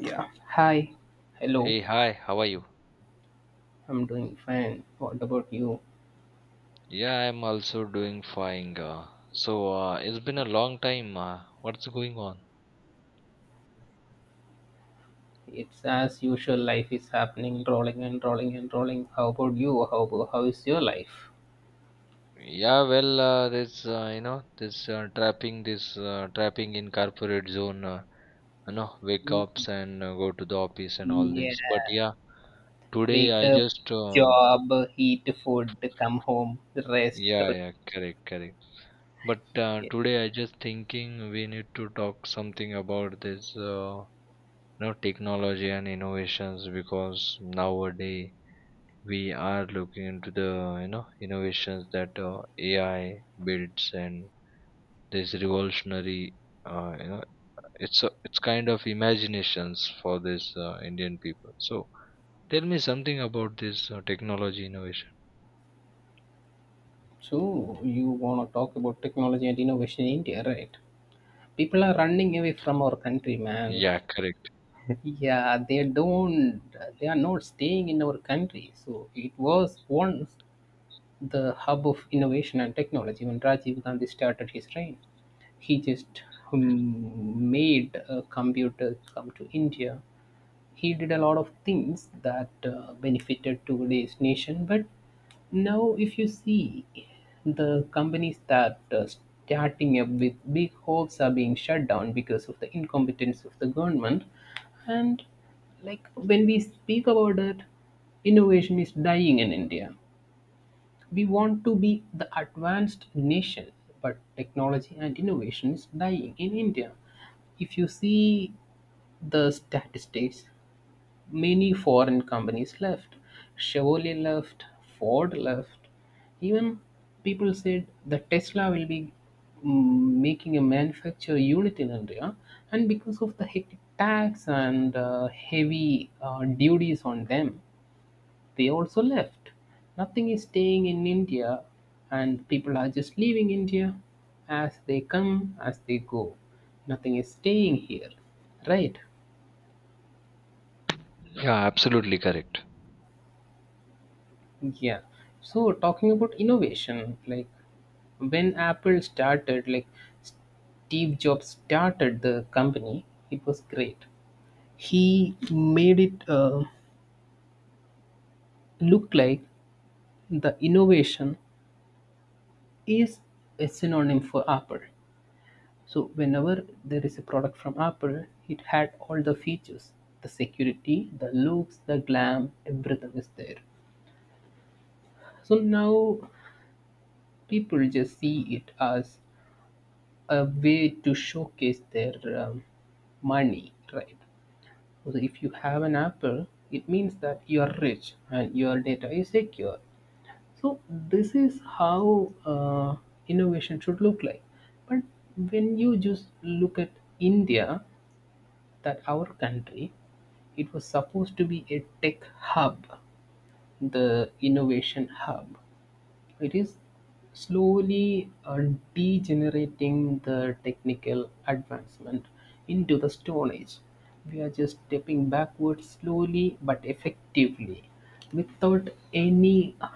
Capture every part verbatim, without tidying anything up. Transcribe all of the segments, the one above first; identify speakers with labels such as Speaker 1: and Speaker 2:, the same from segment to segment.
Speaker 1: Yeah. Hi, hello.
Speaker 2: Hey, hi, how are you?
Speaker 1: I'm doing fine. What about you?
Speaker 2: Yeah, I'm also doing fine. Uh, so, uh, it's been a long time. Uh, what's going on?
Speaker 1: It's as usual. Life is happening, rolling and rolling and rolling. How about you? How about how is your life?
Speaker 2: Yeah, well, uh, this, uh, you know, this uh, trapping, this uh, trapping in corporate zone, uh, you know, wake
Speaker 1: Mm,
Speaker 2: ups and uh, go to the office and all
Speaker 1: yeah.
Speaker 2: this. But yeah, today
Speaker 1: Wake
Speaker 2: I
Speaker 1: up,
Speaker 2: just, uh,
Speaker 1: job, eat food, come home, rest,
Speaker 2: yeah,
Speaker 1: repeat.
Speaker 2: yeah, correct, correct. But uh,
Speaker 1: Yeah.
Speaker 2: today I just thinking we need to talk something about this, uh, you know, technology and innovations because nowadays we are looking into the you know innovations that uh, A I builds and this revolutionary uh, you know it's a, it's kind of imaginations for this uh, Indian people. So tell me something about this uh, technology innovation.
Speaker 1: So you wanna talk about technology and innovation in India, right? People are running away from our country, man.
Speaker 2: Yeah, correct.
Speaker 1: Yeah, they don't. They are not staying in our country. So it was once the hub of innovation and technology when Rajiv Gandhi started his reign. He just um, made uh, computers come to India. He did a lot of things that uh, benefited today's nation. But now, if you see the companies that uh, starting up with big hopes are being shut down because of the incompetence of the government, and like when we speak about that, innovation is dying in India. We want to be the advanced nation, but technology and innovation is dying in India. If you see the statistics, many foreign companies left. Chevrolet left, Ford left. Even people said that Tesla will be mm, making a manufacture unit in India, and because of the hectic tax and uh, heavy uh, duties on them, they also left. Nothing is staying in India, and people are just leaving India as they come, as they go. Nothing is staying here, right?
Speaker 2: Yeah, absolutely correct.
Speaker 1: Yeah. So, talking about innovation, like when Apple started, like Steve Jobs started the company, it was great. He made it uh, look like the innovation is a synonym for Apple. So whenever there is a product from Apple, it had all the features, the security, the looks, the glam, everything is there. So now people just see it as a way to showcase their um, money, right? So if you have an Apple, it means that you are rich and your data is secure. So this is how uh, innovation should look like. But when you just look at India, that our country, it was supposed to be a tech hub, the innovation hub, it is slowly uh, degenerating the technical advancement into the stone age. We are just stepping backwards slowly but effectively without any uh,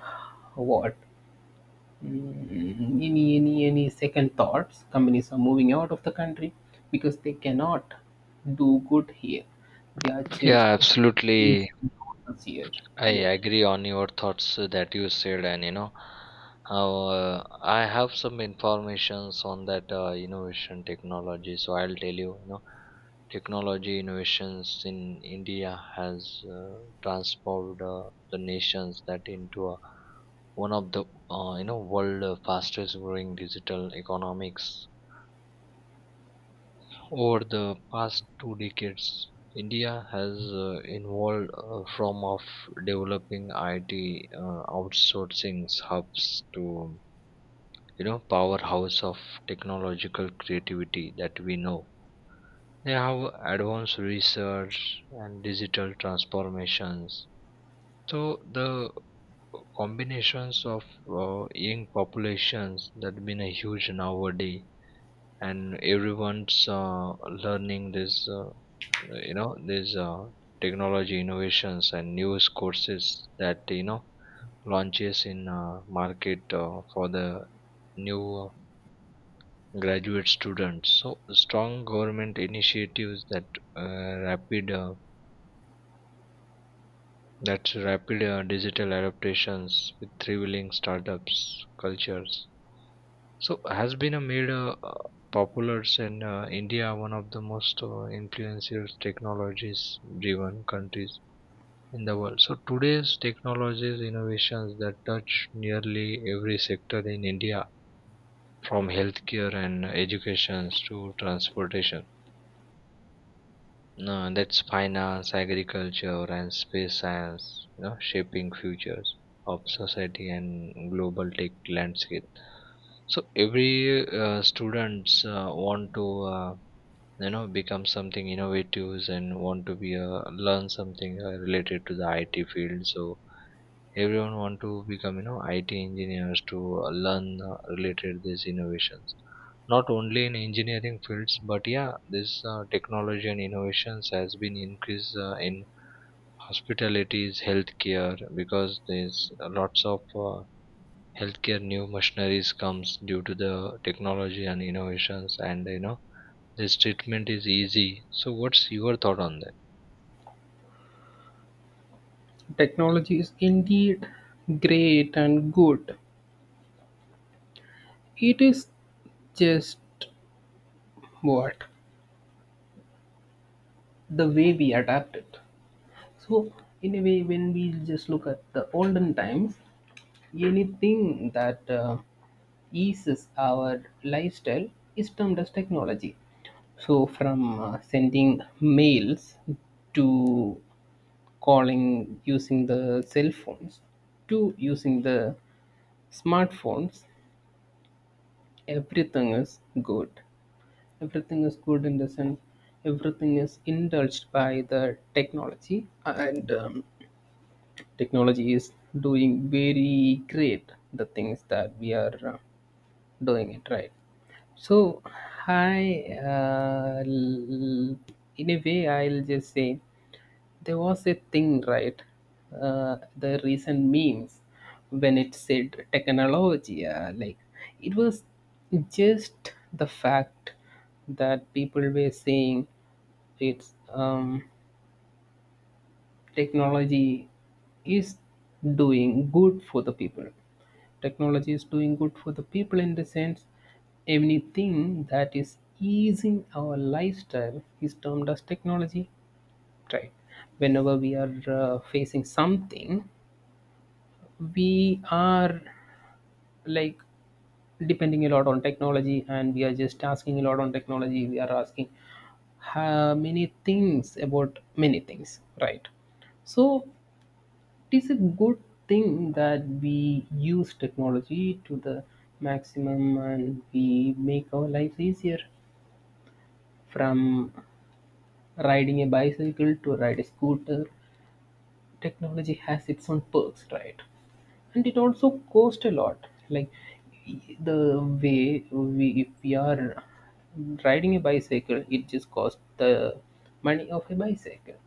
Speaker 1: what. Mm, any any any second thoughts, companies are moving out of the country because they cannot do good here. They are
Speaker 2: Yeah,
Speaker 1: just these
Speaker 2: absolutely.
Speaker 1: workers here.
Speaker 2: I
Speaker 1: Yeah,
Speaker 2: agree on your thoughts that you said, and you know, how uh, I have some informations on that uh, innovation technology. So I'll tell you, you know, technology innovations in India has uh, transformed uh, the nations that into a, one of the uh, you know world uh, fastest growing digital economics over the past two decades. India has uh, evolved uh, from of developing I T uh, outsourcing hubs to you know powerhouse of technological creativity that we know. They have advanced research and digital transformations. So the combinations of uh, young populations that been a huge nowadays, and everyone's uh, learning this uh, you know these uh, technology innovations and news courses that you know launches in uh, market uh, for the new uh, graduate students. So strong government initiatives that uh, rapid uh, that's rapid uh, digital adaptations with revealing startups cultures, so has been a made uh, uh, popular in uh, India one of the most uh, influential technologies driven countries in the world. So today's technologies innovations that touch nearly every sector in India, from healthcare and education to transportation. No, that's finance, agriculture, and space science. You know, shaping futures of society and global tech landscape. So every uh, students uh, want to uh, you know become something innovative and want to be uh, learn something uh, related to the I T field. So everyone want to become you know I T engineers to uh, learn uh, related these innovations, not only in engineering fields. But yeah, this uh, technology and innovations has been increased uh, in hospitalities healthcare because there's uh, lots of uh, healthcare new machineries comes due to the technology and innovations, and you know this treatment is easy. So what's your thought on that?
Speaker 1: technology is indeed great and good. It is just what the way we adapt it. So in a way, when we just look at the olden times, anything that uh, eases our lifestyle is termed as technology. So, from uh, sending mails to calling using the cell phones to using the smartphones, everything is good. Everything is good in the sense everything is indulged by the technology, and um, technology is doing very great the things that we are. Uh, Doing it right. So, I, uh, l- in a way, I'll just say there was a thing, right? Uh, the recent memes when it said technology, uh, like it was just the fact that people were saying it's um, technology is doing good for the people. Technology is doing good for the people in the sense anything that is easing our lifestyle is termed as technology. Right. Whenever we are uh, facing something, we are like depending a lot on technology, and we are just asking a lot on technology. We are asking how many things about many things. Right. So it is a good thing that we use technology to the maximum, and we make our lives easier. From riding a bicycle to ride a scooter, technology has its own perks, right? And it also cost a lot. Like the way we, if we are riding a bicycle, it just costs the money of a bicycle.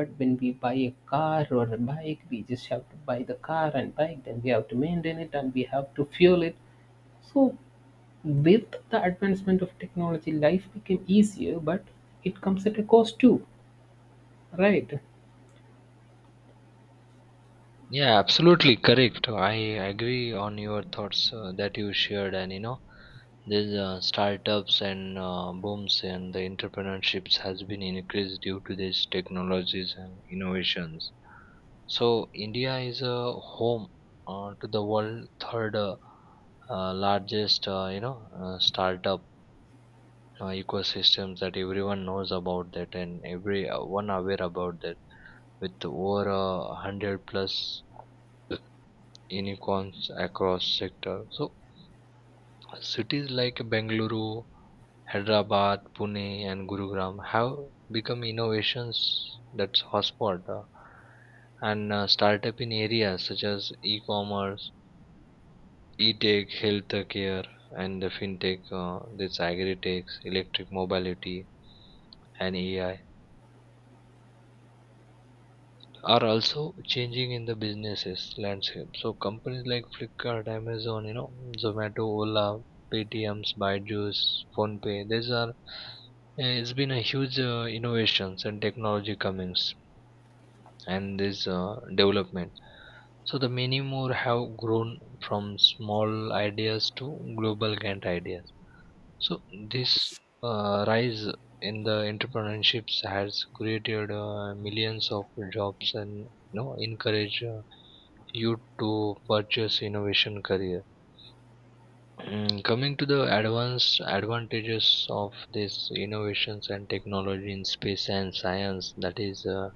Speaker 1: But when we buy a car or a bike, we just have to buy the car and bike, then we have to maintain it, and we have to fuel it. So with the advancement of technology, life became easier, but it comes at a cost too, right?
Speaker 2: Yeah, absolutely correct. I agree on your thoughts uh, that you shared, and you know, these uh, startups and uh, booms and the entrepreneurships has been increased due to these technologies and innovations. So India is a home uh, to the world third uh, uh, largest, uh, you know, uh, startup uh, ecosystems, that everyone knows about that and every uh, one aware about that, with over uh, hundred plus unicorns across sector. So cities like Bengaluru, Hyderabad, Pune, and Gurugram have become innovations that's hotspot, uh, and uh, startup in areas such as e-commerce, e-tech, healthcare, and the fintech. Uh, this agri-tech, electric mobility, and A I are also changing in the businesses landscape. So companies like Flipkart, Amazon, you know, Zomato, Ola, Paytm's, Byju's, PhonePe. These are uh, it's been a huge uh, innovations and technology comings and this uh, development. So the many more have grown from small ideas to global giant ideas. So this uh, rise in the entrepreneurships has created uh, millions of jobs and you know encourage uh, you to purchase innovation career. Mm, coming to the advanced advantages of this innovations and technology in space and science, that is, uh,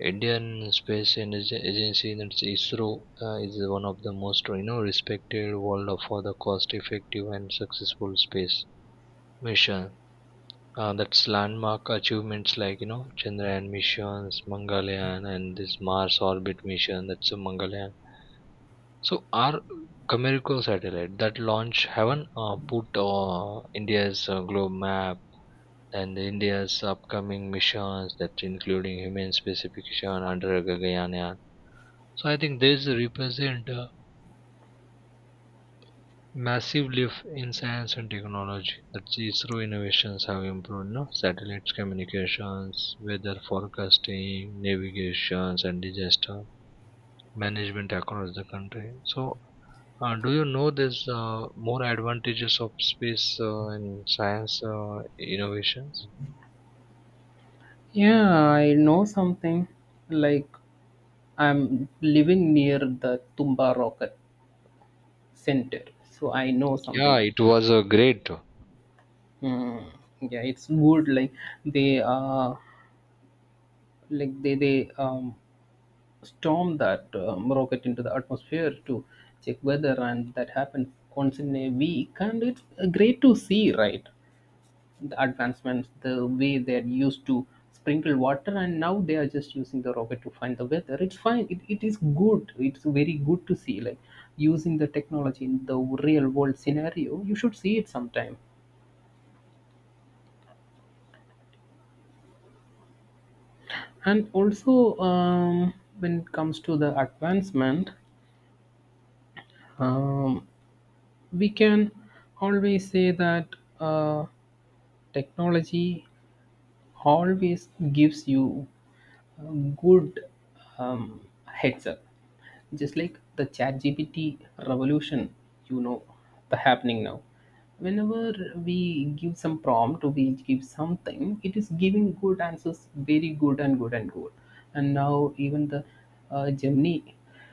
Speaker 2: Indian Space Energy Agency, that's ISRO, uh, is one of the most you know respected world for the cost-effective and successful space mission. Uh, that's landmark achievements like you know Chandrayaan missions, Mangalyaan, and this Mars orbit mission. That's a Mangalyaan. So our Comirco satellite that launch haven't uh, put uh, India's uh, globe map, and India's upcoming missions that including human specification under Gagayana. So I think this represent a massive leap in science and technology. That ISRO innovations have improved no? Satellites communications, weather forecasting, navigations and disaster management across the country. So, uh, do you know there's uh, more advantages of space uh, and science uh, innovations?
Speaker 1: Yeah, I know something. Like, I'm living near the Tumba Rocket Center, so I know
Speaker 2: Yeah,
Speaker 1: something. ab-
Speaker 2: it was a great.
Speaker 1: Hmm. Yeah, it's good. Like they uh, like they they um, storm that um, rocket into the atmosphere to check weather, and that happens once in a week, and it's uh, great to see, right? The advancements, the way they're used to sprinkle water, and now they are just using the rocket to find the weather. It's fine. It, it is good. It's very good to see, like using the technology in the real world scenario. You should see it sometime. And also, um, when it comes to the advancement, um, we can always say that uh, technology always gives you a good um, heads up, just like the chat G P T revolution, you know, the happening now. Whenever we give some prompt or we give something, it is giving good answers, very good and good and good. And now even the uh, Gemini,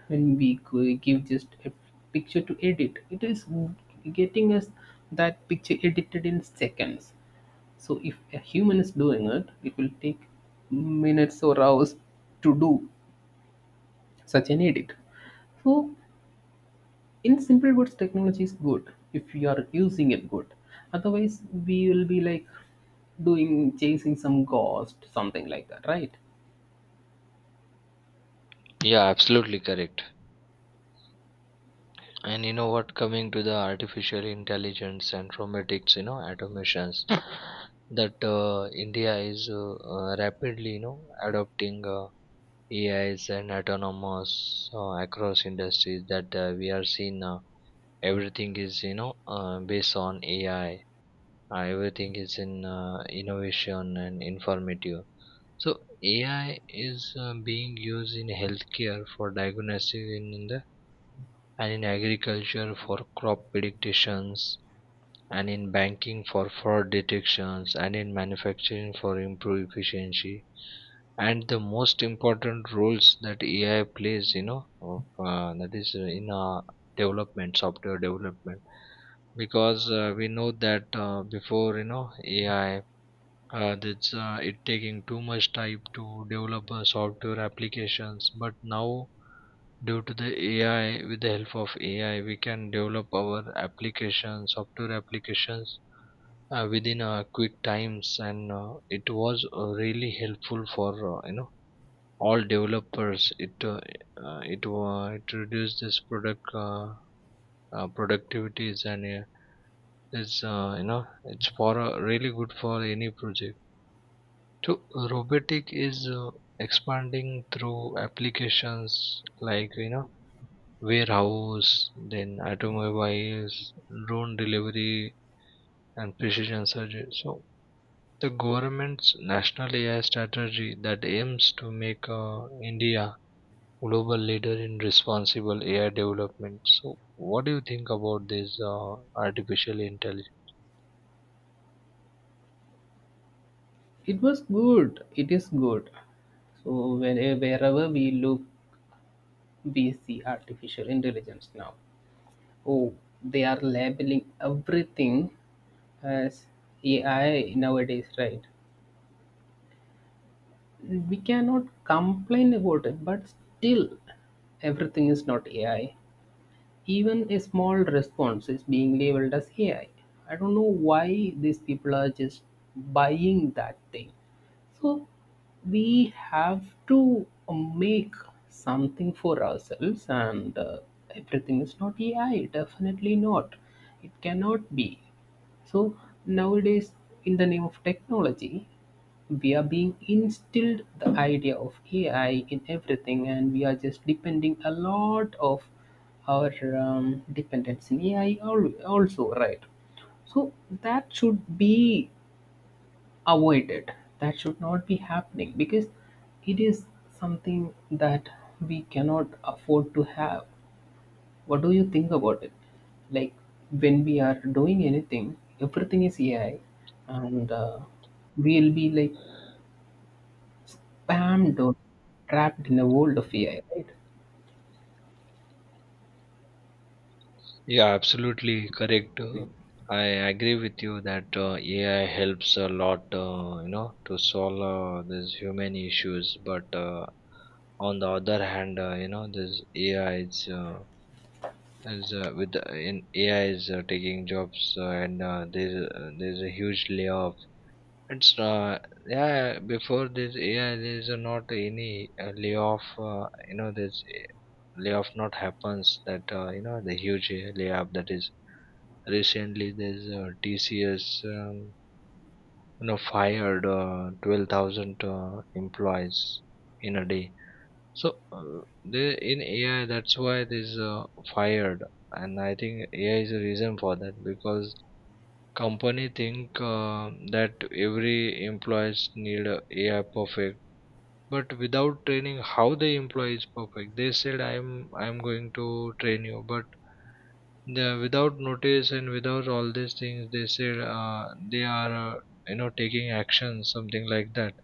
Speaker 1: when we g- give just a picture to edit, it is getting us that picture edited in seconds. So if a human is doing it, it will take minutes or hours to do such an edit. So in simple words, technology is good if you are using it good. Otherwise, we will be like doing chasing some ghost, something like that, right?
Speaker 2: Yeah, absolutely correct. And you know what, coming to the artificial intelligence and robotics, you know, automations, that uh, India is uh, uh, rapidly, you know, adopting uh, A Is and autonomous uh, across industries that uh, we are seeing now. Everything is you know uh, based on AI. Uh, everything is in uh, innovation and informative. So AI is uh, being used in healthcare for diagnosis in, in the and in agriculture for crop predictions, and in banking for fraud detections, and in manufacturing for improved efficiency. And the most important roles that AI plays you know of, uh, that is uh, in uh, development software development, because uh, we know that uh, before you know AI uh, that's uh, it taking too much time to develop uh, software applications. But now, due to the AI, with the help of AI we can develop our applications software applications uh, within uh, quick times, and uh, it was uh, really helpful for uh, you know all developers. It uh, uh, it uh, it reduced this product uh, uh, productivities, and uh, it's uh, you know it's for uh, really good for any project. So robotic is uh, expanding through applications like you know warehouse, then automobiles, drone delivery and precision surgery. So the government's national A I strategy that aims to make uh, India global leader in responsible A I development. So, what do you think about this uh, artificial intelligence?
Speaker 1: It was good. It is good. So when, wherever we look, we see artificial intelligence now. Oh, they are labeling everything as A I nowadays, right? We cannot complain about it, but still, everything is not A I. Even a small response is being labeled as A I. I I don't know why these people are just buying that thing. So we have to um, make something for ourselves, and uh, everything is not A I. Definitely not. It cannot be. So nowadays, in the name of technology, we are being instilled the idea of A I in everything, and we are just depending a lot of our um, dependence in A I al- also, right? So that should be avoid it. That should not be happening because it is something that we cannot afford to have. What do you think about it? Like when we are doing anything, everything is A I, and uh, we'll be like bammed or trapped in a world of A I, right?
Speaker 2: Yeah, absolutely correct. Uh, I agree with you that uh, A I helps a lot, uh, you know, to solve uh, these human issues. But uh, on the other hand, uh, you know, this A I is uh, as uh, with the, in A I is uh, taking jobs, uh, and uh, there's uh, there's a huge layoff. It's uh, yeah, before this A I there's uh, not any uh, layoff. Uh, you know, this layoff not happens that uh, you know the huge layoff that is recently. There's uh, T C S um, you know fired uh, twelve thousand uh, employees in a day. So uh, there in A I, that's why this uh, fired, and I think A I is a reason for that, because company think uh, that every employees need a AI perfect, but without training how the employee is perfect, they said I'm I'm going to train you, but the without notice and without all these things they said uh, they are uh, you know taking action something like that.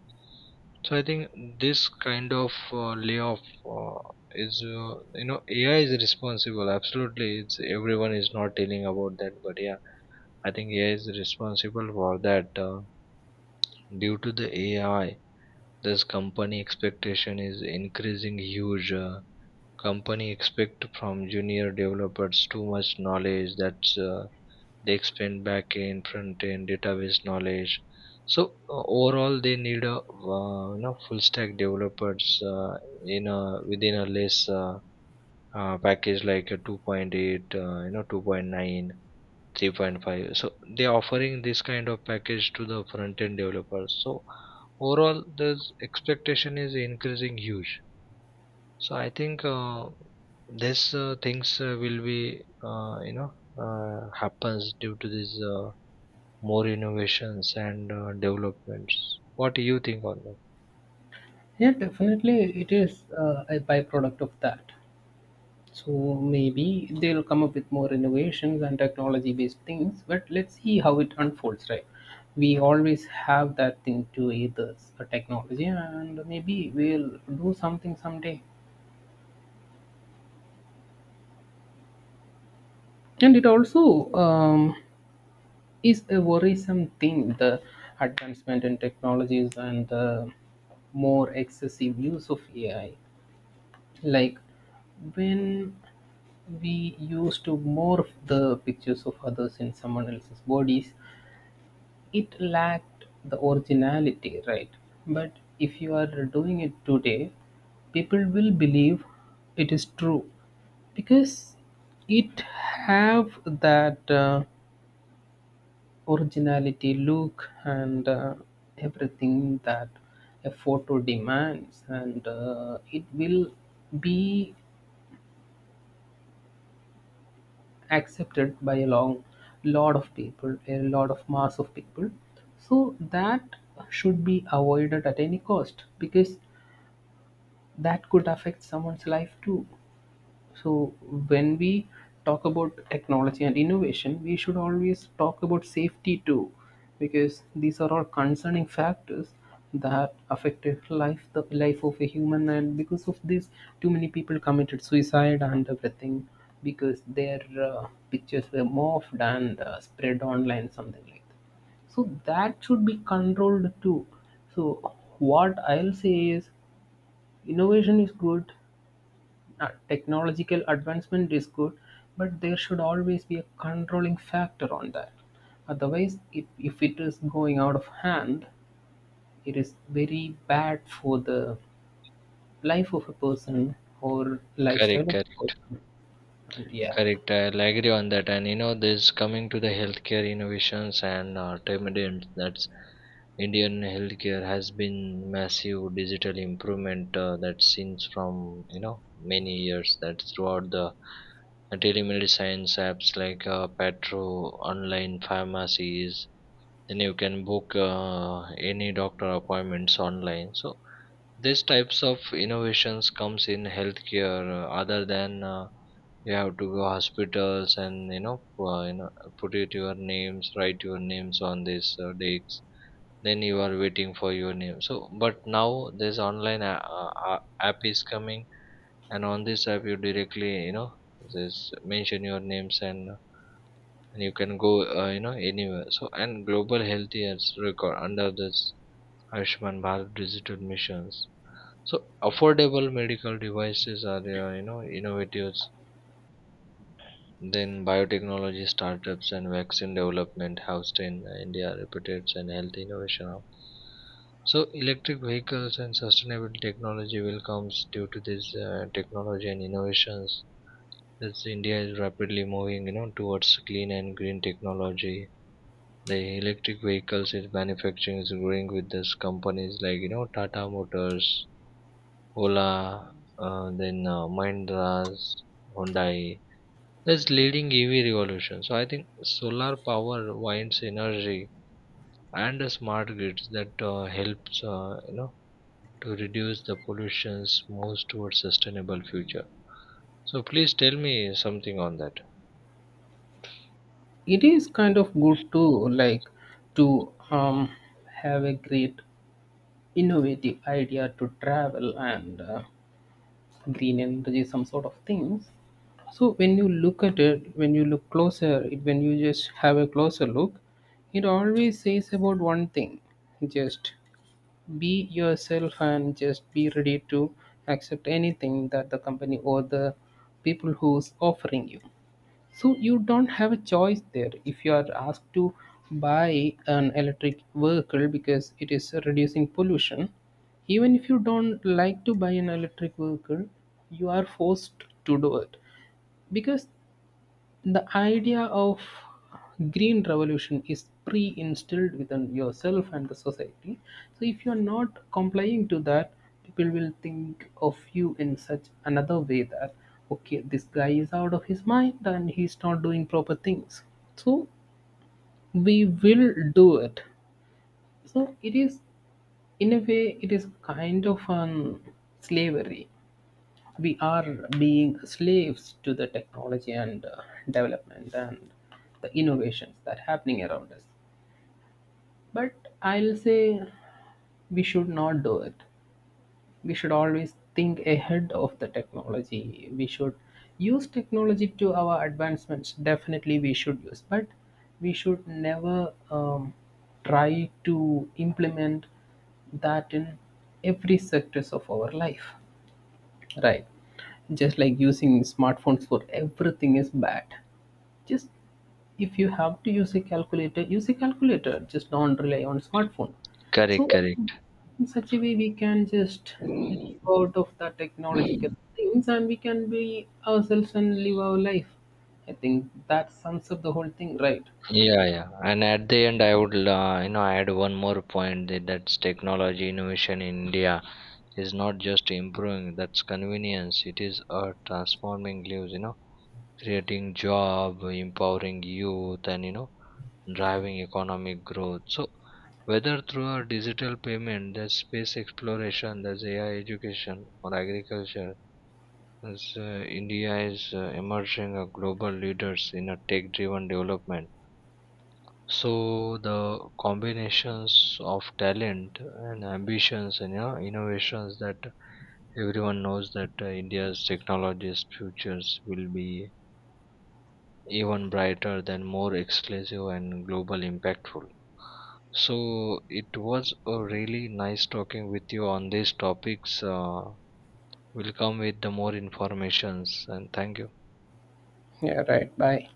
Speaker 2: So I think this kind of uh, layoff uh, is uh, you know AI is responsible. Absolutely. It's everyone is not telling about that, but yeah, I think AI is responsible for that uh, due to the AI this company expectation is increasing huge. Uh, company expect from junior developers too much knowledge. That's uh, They expand back end front end database knowledge. So uh, overall they need a uh, you know full stack developers uh, in a within a less uh, uh, package like a two point eight, uh, you know two point nine, three point five. So they offering this kind of package to the front end developers. So overall the expectation is increasing huge. So I think uh, this uh, things uh, will be uh, you know uh, happens due to this uh, more innovations and uh, developments. What do you think on that?
Speaker 1: Yeah, definitely it is uh, a byproduct of that. So maybe they'll come up with more innovations and technology based things, but let's see how it unfolds, right? We always have that thing to either a technology, and maybe we'll do something someday. And it also um, is a worrisome thing, the advancement in technologies and the more excessive use of A I. Like when we used to morph the pictures of others in someone else's bodies, it lacked the originality, right? But if you are doing it today, people will believe it is true because it have that uh, originality look and uh, everything that a photo demands, and uh, it will be accepted by a long lot of people, a lot of mass of people. So that should be avoided at any cost because that could affect someone's life too. So, when we talk about technology and innovation, we should always talk about safety too, because these are all concerning factors that affected life, the life of a human, and because of this, too many people committed suicide and everything because their uh, pictures were morphed and uh, spread online, something like that. So that should be controlled too. So what I'll say is, innovation is good, uh, technological advancement is good, but there should always be a controlling factor on that. Otherwise, if, if it is going out of hand, it is very bad for the life of a person or
Speaker 2: Correct,
Speaker 1: lifestyle of a
Speaker 2: correct,
Speaker 1: person. And yeah,
Speaker 2: correct. I'll agree on that. And you know, this coming to the healthcare innovations and uh, tremendous, that's Indian healthcare has been massive digital improvement uh, that since from you know many years, that throughout the telemedicine apps like uh, Patro, online pharmacies, then you can book uh, any doctor appointments online. So these types of innovations comes in healthcare uh, other than uh, you have to go hospitals and you know uh, you know put it your names, write your names on this uh, dates, then you are waiting for your name. So but now this online a- a- a- app is coming, and on this app you directly you know just mention your names, and uh, and you can go uh, you know anywhere. So and global health years record under this Ayushman Bharat digital missions, so affordable medical devices are uh, you know innovatives, then biotechnology startups and vaccine development housed in India reputed and health innovation hub. So electric vehicles and sustainable technology will comes due to this uh, technology and innovations. As India is rapidly moving, you know, towards clean and green technology, the electric vehicles is manufacturing is growing with this companies like you know Tata Motors, Ola, uh, then uh, Mahindra's, Hyundai. That's leading E V revolution. So I think solar power winds energy and the smart grids that uh, helps uh, you know to reduce the pollutions moves towards sustainable future. So please tell me something on that.
Speaker 1: it is kind of good too, like to um, have a great innovative idea to travel and uh, green energy, some sort of things. So when you look at it, when you look closer it, when you just have a closer look, it always says about one thing: just be yourself and just be ready to accept anything that the company or the people who's offering you. So you don't have a choice there if you are asked to buy an electric vehicle because it is reducing pollution. Even if you don't like to buy an electric vehicle, you are forced to do it because the idea of green revolution is pre instilled within yourself and the society. So, if you're not complying to that, people will think of you in such another way that, okay, this guy is out of his mind and he's not doing proper things. So, we will do it. So, it is, in a way, it is kind of an slavery. We are being slaves to the technology and uh, development and the innovations that are happening around us. But I'll say we should not do it. We should always think ahead of the technology. We should use technology to our advancements, definitely we should use, but we should never um, try to implement that in every sectors of our life. Right. Just like using smartphones for everything is bad. Just if you have to use a calculator, use a calculator. Just don't rely on smartphone.
Speaker 2: Correct,
Speaker 1: So
Speaker 2: correct.
Speaker 1: in such a way we can just live out of the technological things, and we can be ourselves and live our life. I think that sums up the whole thing, right?
Speaker 2: Yeah, yeah. And at the end, I would, uh, you know, add one more point, that that's technology innovation in India is not just improving, that's convenience. It is uh, transforming lives, you know, creating job, empowering youth, and, you know, driving economic growth. So, whether through a digital payment, there's space exploration, there's A I education, or agriculture, as uh, India is uh, emerging a global leaders in a tech-driven development. So the combinations of talent and ambitions and you innovations that everyone knows that uh, India's technology's futures will be even brighter than more exclusive and global impactful. So it was a really nice talking with you on these topics. Uh, we'll come with the more informations, and thank you.
Speaker 1: Yeah, right. Bye.